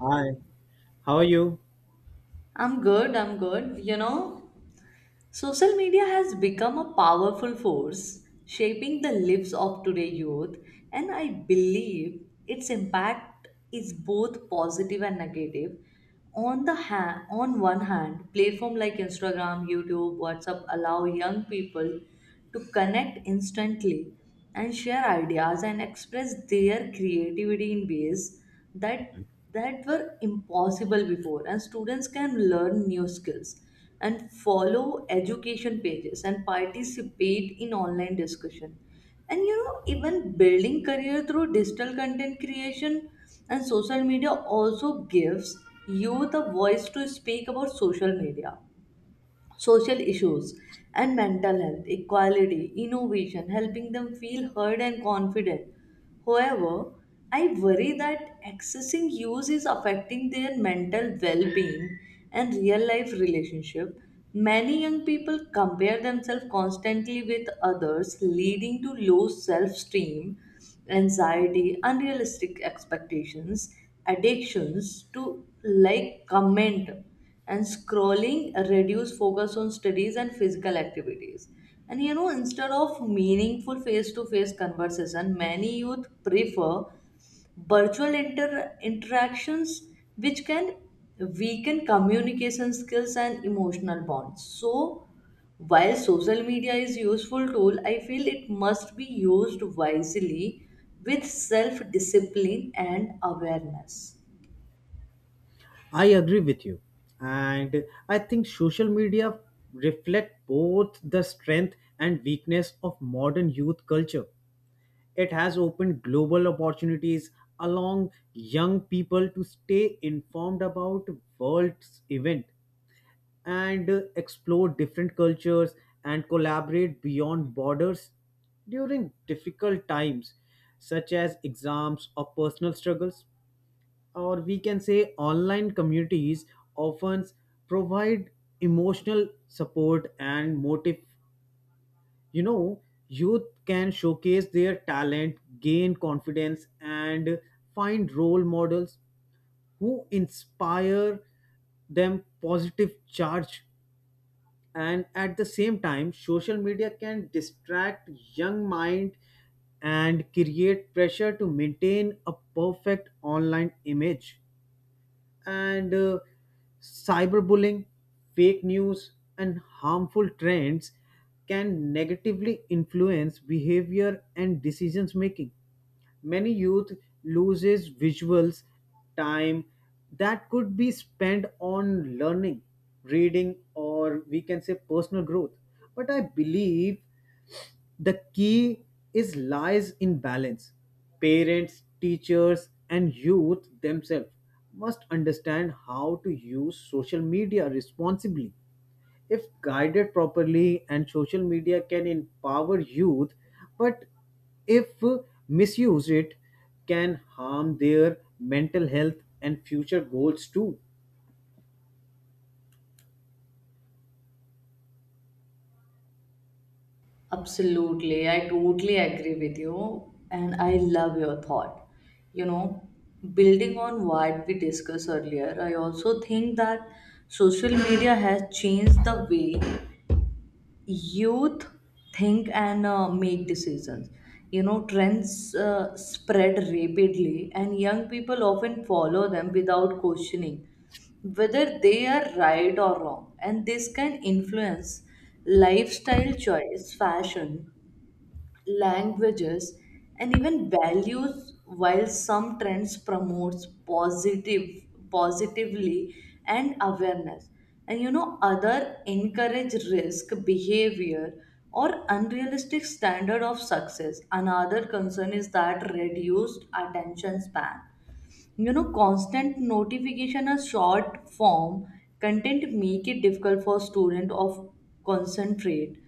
Hi, how are you? I'm good, I'm good. You know, social media has become a powerful force shaping the lives of today's youth, and I believe its impact is both positive and negative. On one hand, platform like Instagram, YouTube, WhatsApp allow young people to connect instantly and share ideas and express their creativity in ways that that were impossible before, and students can learn new skills and follow education pages and participate in online discussion, and even building career through digital content creation. And social media also gives youth a voice to speak about social issues and mental health, equality, innovation, helping them feel heard and confident. However, I worry that accessing use is affecting their mental well being and real life relationship. Many young people compare themselves constantly with others, leading to low self esteem, anxiety, unrealistic expectations, addictions to like comment and scrolling reduce focus on studies and physical activities, and instead of meaningful face to face conversation many youth prefer virtual interactions, which can weaken communication skills and emotional bonds. So while social media is useful tool, I feel it must be used wisely with self discipline and awareness. I agree with you. And I think social media reflect both the strength and weakness of modern youth culture. It has opened global opportunities along young people to stay informed about world's event and explore different cultures and collaborate beyond borders during difficult times such as exams or personal struggles, or we can say online communities often provide emotional support and motive, you know, youth can showcase their talent, gain confidence, and find role models who inspire them positive charge. And at the same time, social media can distract young mind and create pressure to maintain a perfect online image, and cyberbullying, fake news, and harmful trends can negatively influence behavior and decisions making. Many youth loses visuals time that could be spent on learning, reading, or we can say personal growth. But I believe the key is lies in balance. Parents, teachers, and youth themselves must understand how to use social media responsibly. If guided properly, and social media can empower youth, but if misuse it, can harm their mental health and future goals too. Absolutely. I totally agree with you. And I love your thought. You know, building on what we discussed earlier, I also think that social media has changed the way youth think and make decisions. You know, trends spread rapidly, and young people often follow them without questioning whether they are right or wrong. And this can influence lifestyle choice, fashion, languages, and even values. While some trends promotes positively and awareness, and other encourage risk behavior or unrealistic standard of success. Another concern is that reduced attention span, constant notification or short form content make it difficult for student of concentrate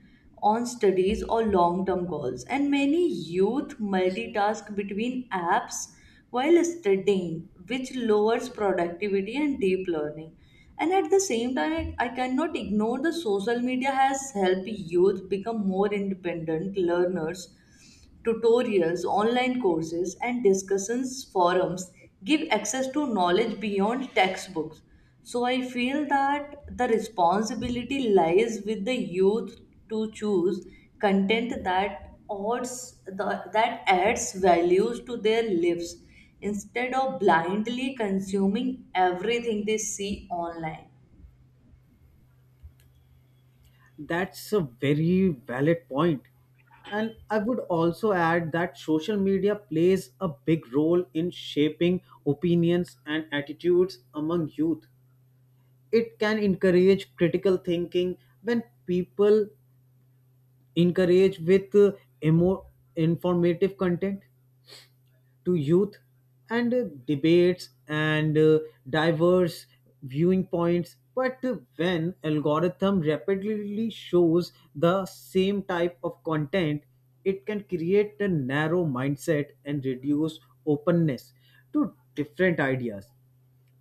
on studies or long term goals, and many youth multitask between apps while studying, which lowers productivity and deep learning. And at the same time, I cannot ignore the social media has helped youth become more independent learners. Tutorials, online courses, and discussions forums give access to knowledge beyond textbooks. So I feel that the responsibility lies with the youth to choose content that that adds values to their lives instead of blindly consuming everything they see online. That's a very valid point. And I would also add that social media plays a big role in shaping opinions and attitudes among youth. It can encourage critical thinking when people encourage with emo- informative content to youth, and debates, and diverse viewing points. But when algorithm rapidly shows the same type of content, it can create a narrow mindset and reduce openness to different ideas.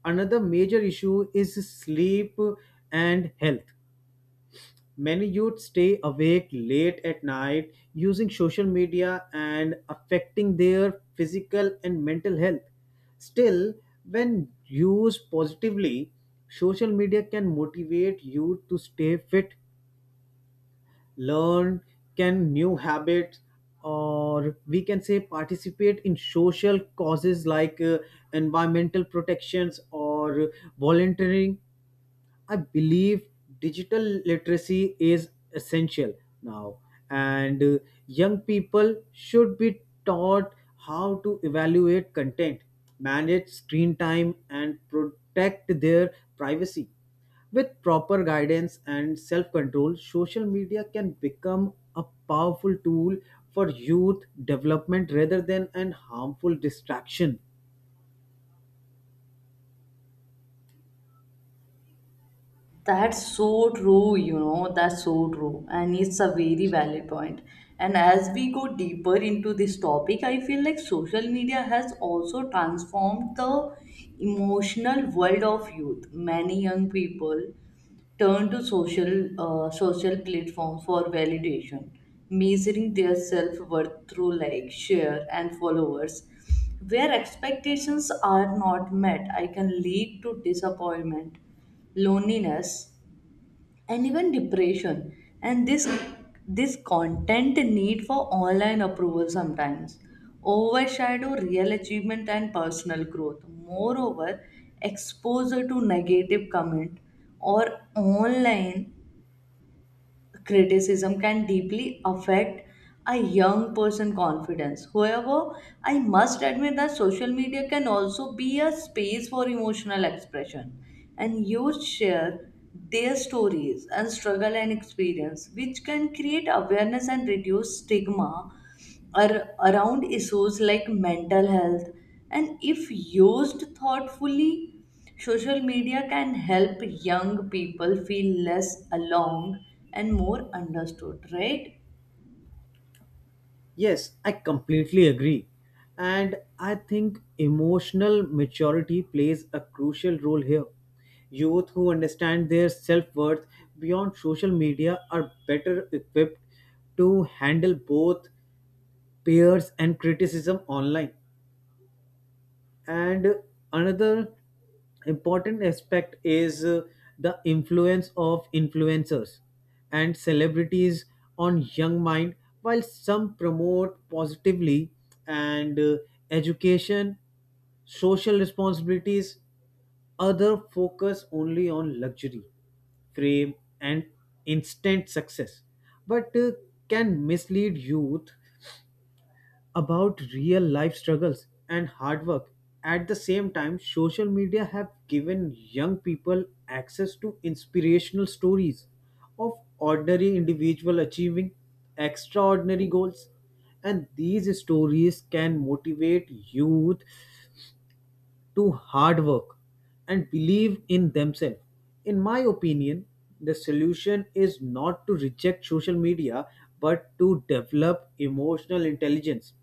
Another major issue is sleep and health. Many youth stay awake late at night using social media and affecting their physical and mental health. Still, when used positively, social media can motivate youth to stay fit, learn can new habits, or we can say participate in social causes like environmental protections or volunteering. I believe digital literacy is essential now, and young people should be taught how to evaluate content, manage screen time, and protect their privacy. With proper guidance and self control, social media can become a powerful tool for youth development rather than an harmful distraction. That's so true, you know, that's so true. And it's a very valid point. And as we go deeper into this topic, I feel like social media has also transformed the emotional world of youth. Many young people turn to social platforms for validation, measuring their self worth through like, share, and followers. Where expectations are not met, I can lead to disappointment, loneliness, and even depression. And this content need for online approval sometimes overshadow real achievement and personal growth. Moreover, exposure to negative comment or online criticism can deeply affect a young person's confidence. However, I must admit that social media can also be a space for emotional expression, and youth share their stories and struggle and experience, which can create awareness and reduce stigma around issues like mental health. And if used thoughtfully, social media can help young people feel less alone and more understood, right? Yes, I completely agree. And I think emotional maturity plays a crucial role here. Youth who understand their self worth beyond social media are better equipped to handle both peers and criticism online. And another important aspect is the influence of influencers and celebrities on young mind. While some promote positively and education, social responsibilities, other focus only on luxury, fame, and instant success, but can mislead youth about real life struggles and hard work. At the same time, social media have given young people access to inspirational stories of ordinary individuals achieving extraordinary goals. And these stories can motivate youth to hard work and believe in themselves. In my opinion, the solution is not to reject social media but to develop emotional intelligence,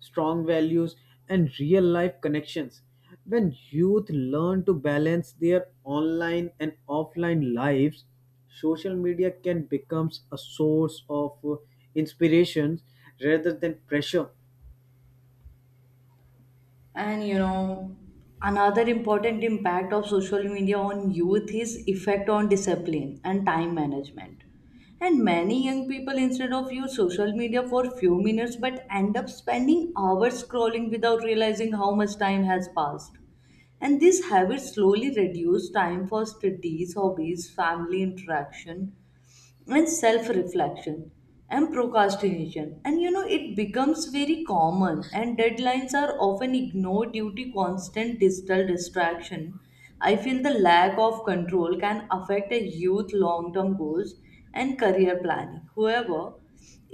strong values, and real life connections. When youth learn to balance their online and offline lives, social media can become a source of inspirations rather than pressure. And another important impact of social media on youth is effect on discipline and time management. And many young people instead of use social media for few minutes but end up spending hours scrolling without realizing how much time has passed. And these habits slowly reduce time for studies, hobbies, family interaction, and self reflection, and procrastination. And you know, it becomes very common, and deadlines are often ignored due to constant digital distraction. I feel the lack of control can affect a youth long term goals and career planning. However,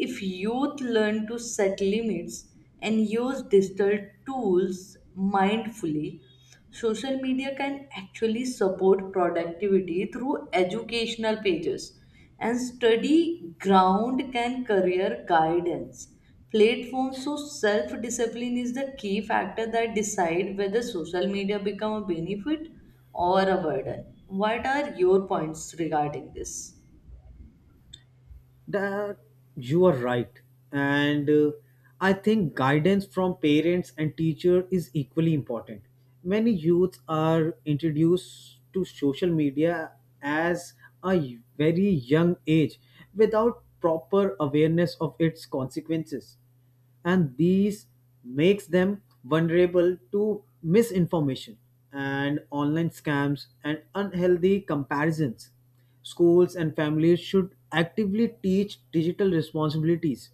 if youth learn to set limits and use digital tools mindfully, social media can actually support productivity through educational pages and study ground can career guidance platforms. So self discipline is the key factor that decide whether social media become a benefit or a burden. What are your points regarding this? That you are right, and I think guidance from parents and teacher is equally important. Many youths are introduced to social media as a very young age without proper awareness of its consequences, and these makes them vulnerable to misinformation and online scams and unhealthy comparisons. Schools and families should actively teach digital responsibilities,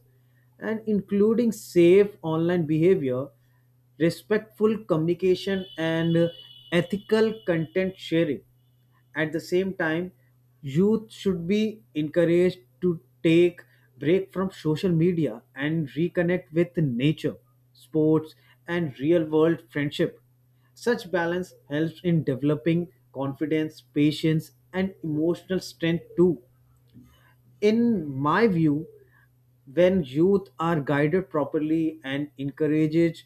and including safe online behavior, respectful communication, and ethical content sharing. At the same time, youth should be encouraged to take break from social media and reconnect with nature, sports, and real world friendship. Such balance helps in developing confidence, patience, and emotional strength too. In my view, when youth are guided properly and encouraged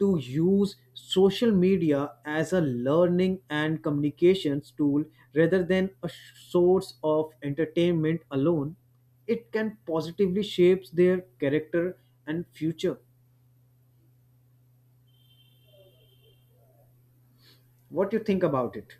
to use social media as a learning and communications tool rather than a source of entertainment alone, it can positively shape their character and future. What do you think about it?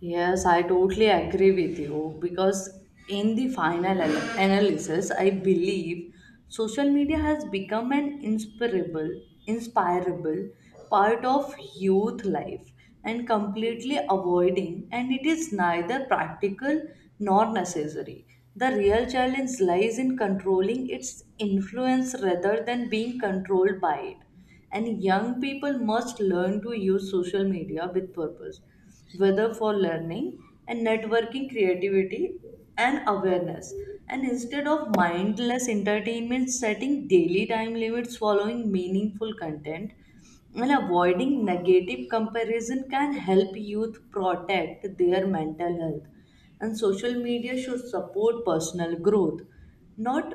Yes, I totally agree with you because in the final analysis, I believe social media has become an inspirable part of youth life, and completely avoiding, and it is neither practical nor necessary. The real challenge lies in controlling its influence rather than being controlled by it. And young people must learn to use social media with purpose, whether for learning and networking, creativity, and awareness. And instead of mindless entertainment, setting daily time limits, following meaningful content, and avoiding negative comparison can help youth protect their mental health. And social media should support personal growth, not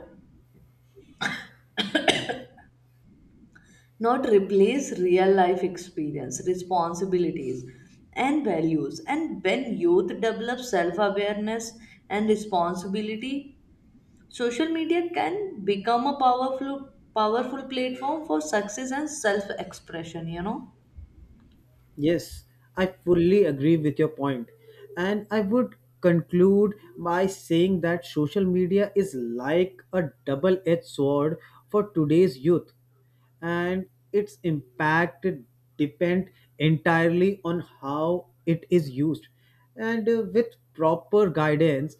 not replace real life experience, responsibilities, and values. And when youth develop self awareness and responsibility, social media can become a powerful platform for success and self expression, you know. Yes, I fully agree with your point. And I would conclude by saying that social media is like a double edged sword for today's youth, and its impact depend entirely on how it is used. And with proper guidance,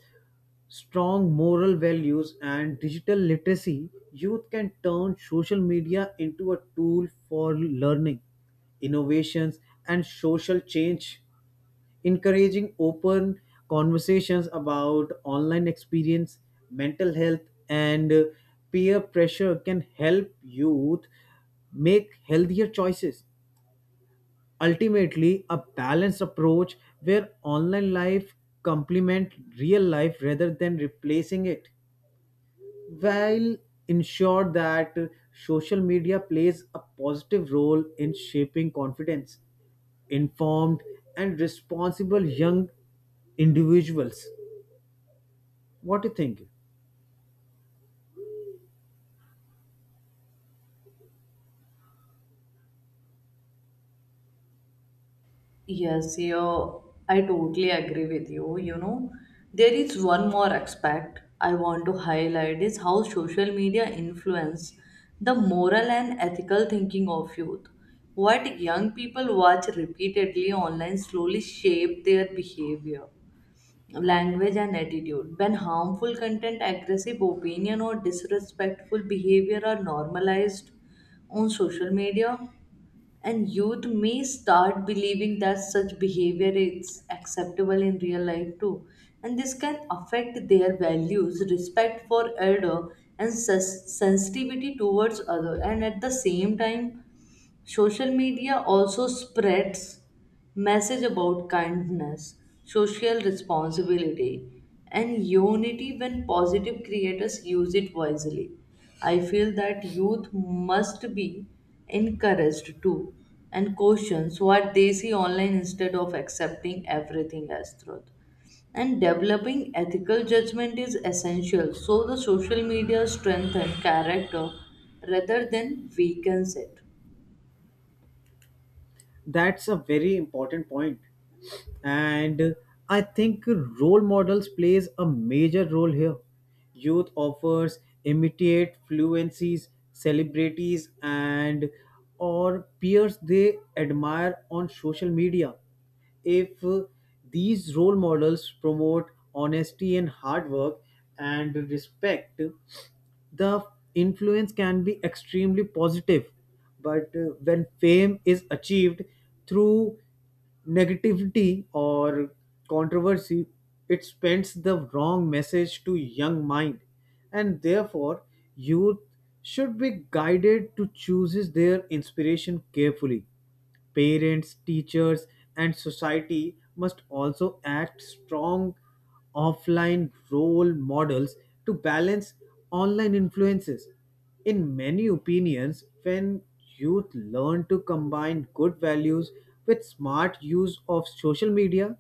strong moral values and digital literacy, youth can turn social media into a tool for learning, innovations, and social change. Encouraging open conversations about online experience, mental health, and peer pressure can help youth make healthier choices. Ultimately, a balanced approach where online life complement real life rather than replacing it, while ensure that social media plays a positive role in shaping confidence, informed and responsible young individuals. What do you think? Yes, you, I totally agree with you. You know, there is one more aspect I want to highlight is how social media influence the moral and ethical thinking of youth. What young people watch repeatedly online slowly shape their behavior, language, and attitude. When harmful content, aggressive opinion, or disrespectful behavior are normalized on social media, and youth may start believing that such behavior is acceptable in real life too. And this can affect their values, respect for elder, and sensitivity towards other. And at the same time, social media also spreads message about kindness, social responsibility, and unity when positive creators use it wisely. I feel that youth must be encouraged to and questions what they see online instead of accepting everything as truth, and developing ethical judgment is essential so the social media strengthens character rather than weakens it. That's a very important point. And I think role models plays a major role here. Youth offers imitate fluencies, celebrities, and or peers they admire on social media. If these role models promote honesty and hard work and respect, the influence can be extremely positive. But when fame is achieved through negativity or controversy, it sends the wrong message to young mind. And therefore, youth should be guided to chooses their inspiration carefully. Parents, teachers, and society must also act strong offline role models to balance online influences. In many opinions, when youth learn to combine good values with smart use of social media,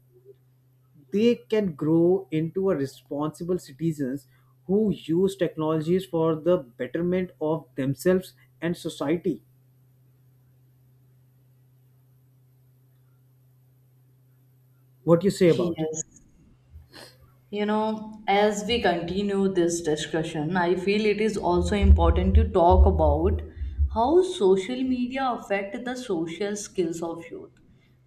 they can grow into a responsible citizens who use technologies for the betterment of themselves and society. What do you say about it? Yes. You know, as we continue this discussion, I feel it is also important to talk about how social media affect the social skills of youth.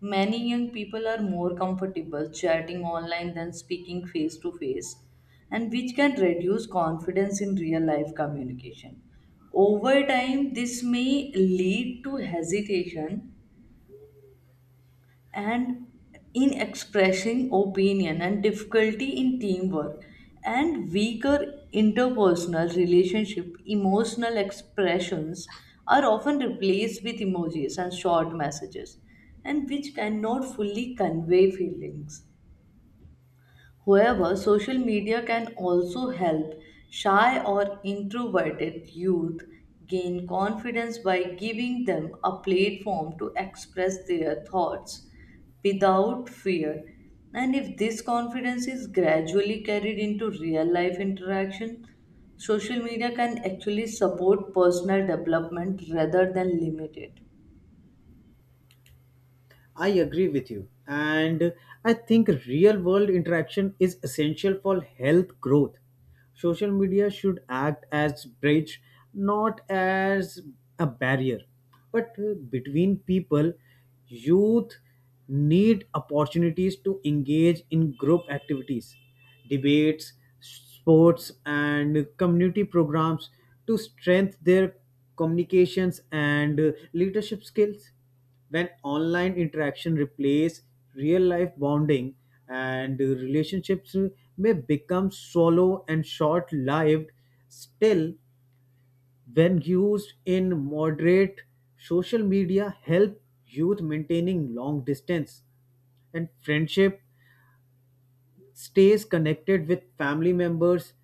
Many young people are more comfortable chatting online than speaking face to face, and which can reduce confidence in real life communication. Over time, this may lead to hesitation and in expressing opinion and difficulty in teamwork and weaker interpersonal relationship. Emotional expressions are often replaced with emojis and short messages, and which cannot fully convey feelings. However, social media can also help shy or introverted youth gain confidence by giving them a platform to express their thoughts without fear. And if this confidence is gradually carried into real life interaction, social media can actually support personal development rather than limit it. I agree with you. And I think real world interaction is essential for health growth. Social media should act as bridge, not as a barrier. But between people, youth need opportunities to engage in group activities, debates, sports and community programs to strengthen their communications and leadership skills. When online interaction replaces real life bonding, and relationships may become shallow and short lived. Still, when used in moderate, social media help youth maintaining long distance and friendship, stays connected with family members.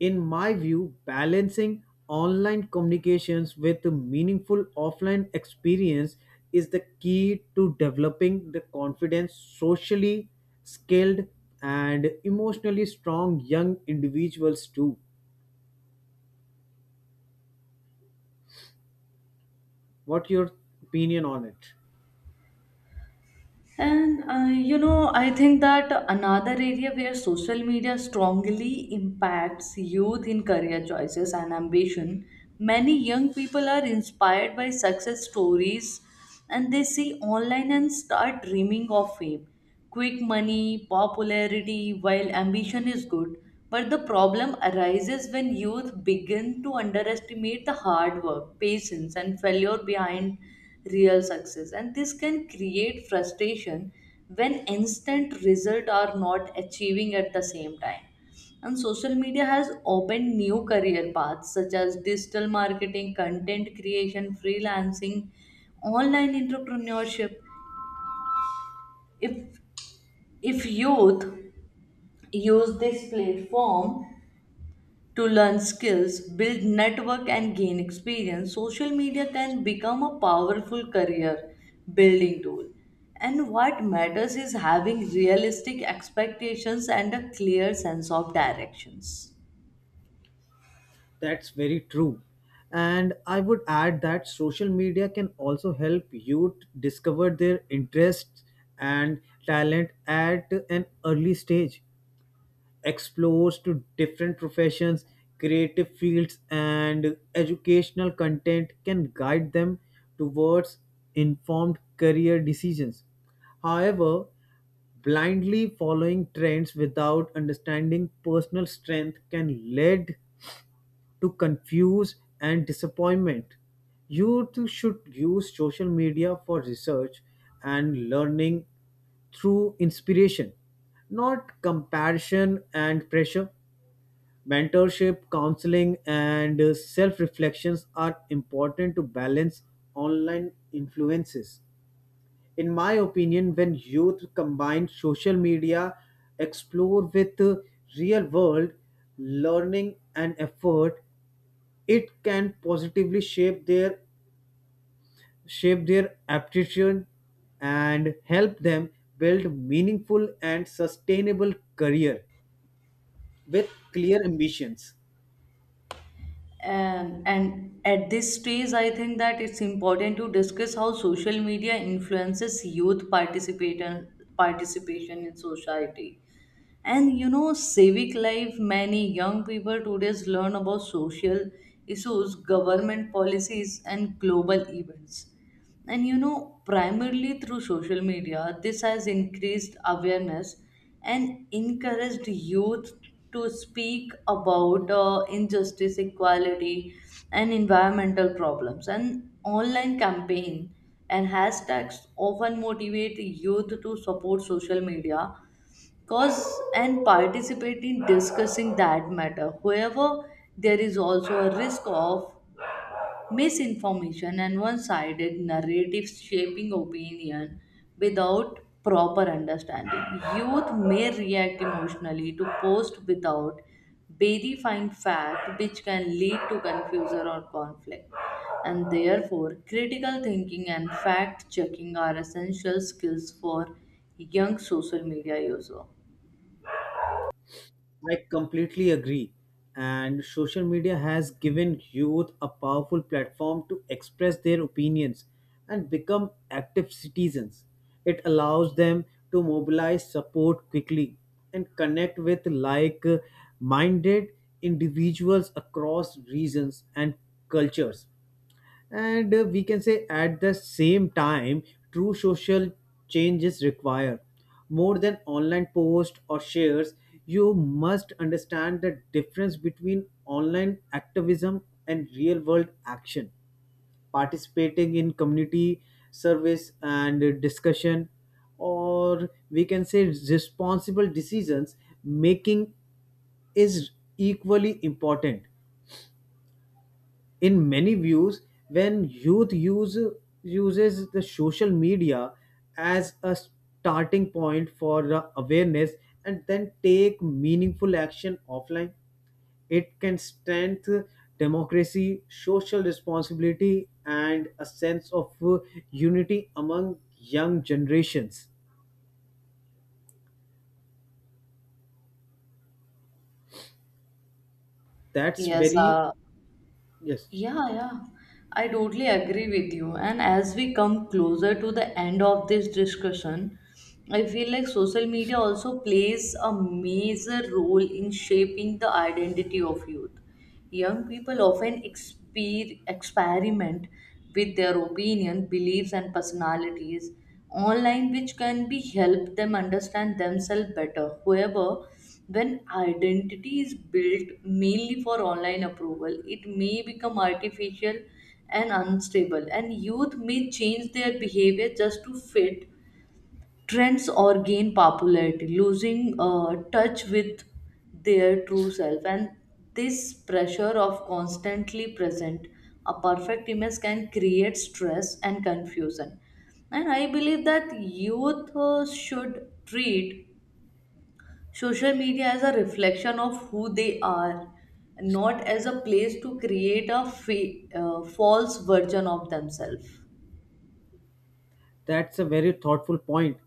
In my view, balancing online communications with a meaningful offline experience is the key to developing the confident, socially skilled, and emotionally strong young individuals too. What your opinion on it? And you know, I think that another area where social media strongly impacts youth in career choices and ambition, many young people are inspired by success stories and they see online and start dreaming of fame. Quick money, popularity, while ambition is good, but the problem arises when youth begin to underestimate the hard work, patience, and failure behind real success. And this can create frustration when instant results are not achieving. At the same time, and social media has opened new career paths such as digital marketing, content creation, freelancing, online entrepreneurship. If if youth use this platform to learn skills, build network and gain experience, social media can become a powerful career building tool. And what matters is having realistic expectations and a clear sense of directions. That's very true. And I would add that social media can also help youth discover their interests and talent at an early stage, explores to different professions, creative fields, and educational content can guide them towards informed career decisions. However, blindly following trends without understanding personal strength can lead to confuse and disappointment. Youth should use social media for research and learning through inspiration, not comparison and pressure. Mentorship, counseling, and self reflections are important to balance online influences. In my opinion, when youth combine social media, explore with real world learning and effort, it can positively shape their aptitude and help them build meaningful and sustainable career with clear ambitions. And at this stage, I think that it's important to discuss how social media influences youth participation in society and civic life. Many young people today learn about social issues, government policies, and global events, and primarily through social media. This has increased awareness and encouraged youth to speak about injustice, equality, and environmental problems, and online campaign and hashtags often motivate youth to support social media cause and participate in discussing that matter. However, there is also a risk of misinformation and one sided narratives shaping opinion without proper understanding. Youth may react emotionally to post without verifying fact, which can lead to confusion or conflict. And therefore, critical thinking and fact checking are essential skills for young social media user. I completely agree. And social media has given youth a powerful platform to express their opinions and become active citizens. It allows them to mobilize support quickly and connect with like minded individuals across regions and cultures. And we can say, at the same time, true social changes require more than online posts or shares. You must understand the difference between online activism and real world action. Participating in community service and discussion, or we can say responsible decisions making, is equally important. In many views, when youth uses the social media as a starting point for the awareness and then take meaningful action offline, it can strengthen democracy, social responsibility, and a sense of unity among young generations. That's Yes, very. Yes. yeah, yeah, I totally agree with you. And as we come closer to the end of this discussion, I feel like social media also plays a major role in shaping the identity of youth. Young people often experiment with their opinion, beliefs, and personalities online, which can be help them understand themselves better. However, when identity is built mainly for online approval, it may become artificial and unstable, and youth may change their behavior just to fit trends or gain popularity, losing touch with their true self. And this pressure of constantly present a perfect image can create stress and confusion. And I believe that youth should treat social media as a reflection of who they are, not as a place to create a false version of themselves. That's a very thoughtful point.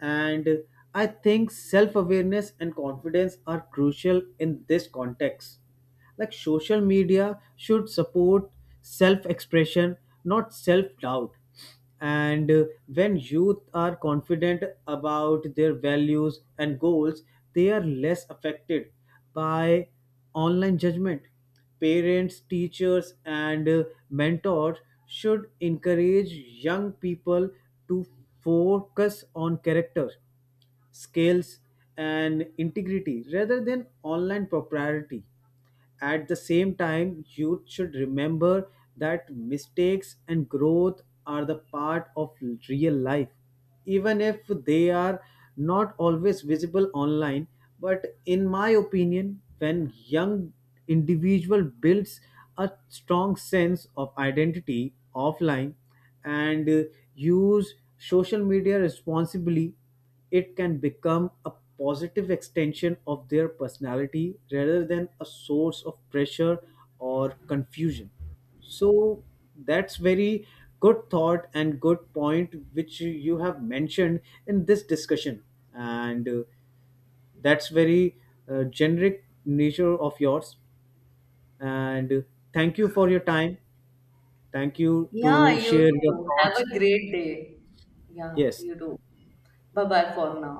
And I think self awareness and confidence are crucial in this context. Like social media should support self expression, not self doubt. And when youth are confident about their values and goals, they are less affected by online judgment. Parents, teachers, and mentors should encourage young people to focus on character scales, and integrity rather than online propriety. At the same time, youth should remember that mistakes and growth are the part of real life, even if they are not always visible online. But in my opinion, when young individual builds a strong sense of identity offline and use social media responsibly, it can become a positive extension of their personality rather than a source of pressure or confusion. So that's very good thought and good point which you have mentioned in this discussion. And that's very generic nature of yours. And thank you for your time. Thank you Yeah, to you share your do have a thoughts. great day. Yeah, Yes. you do. Bye bye for now.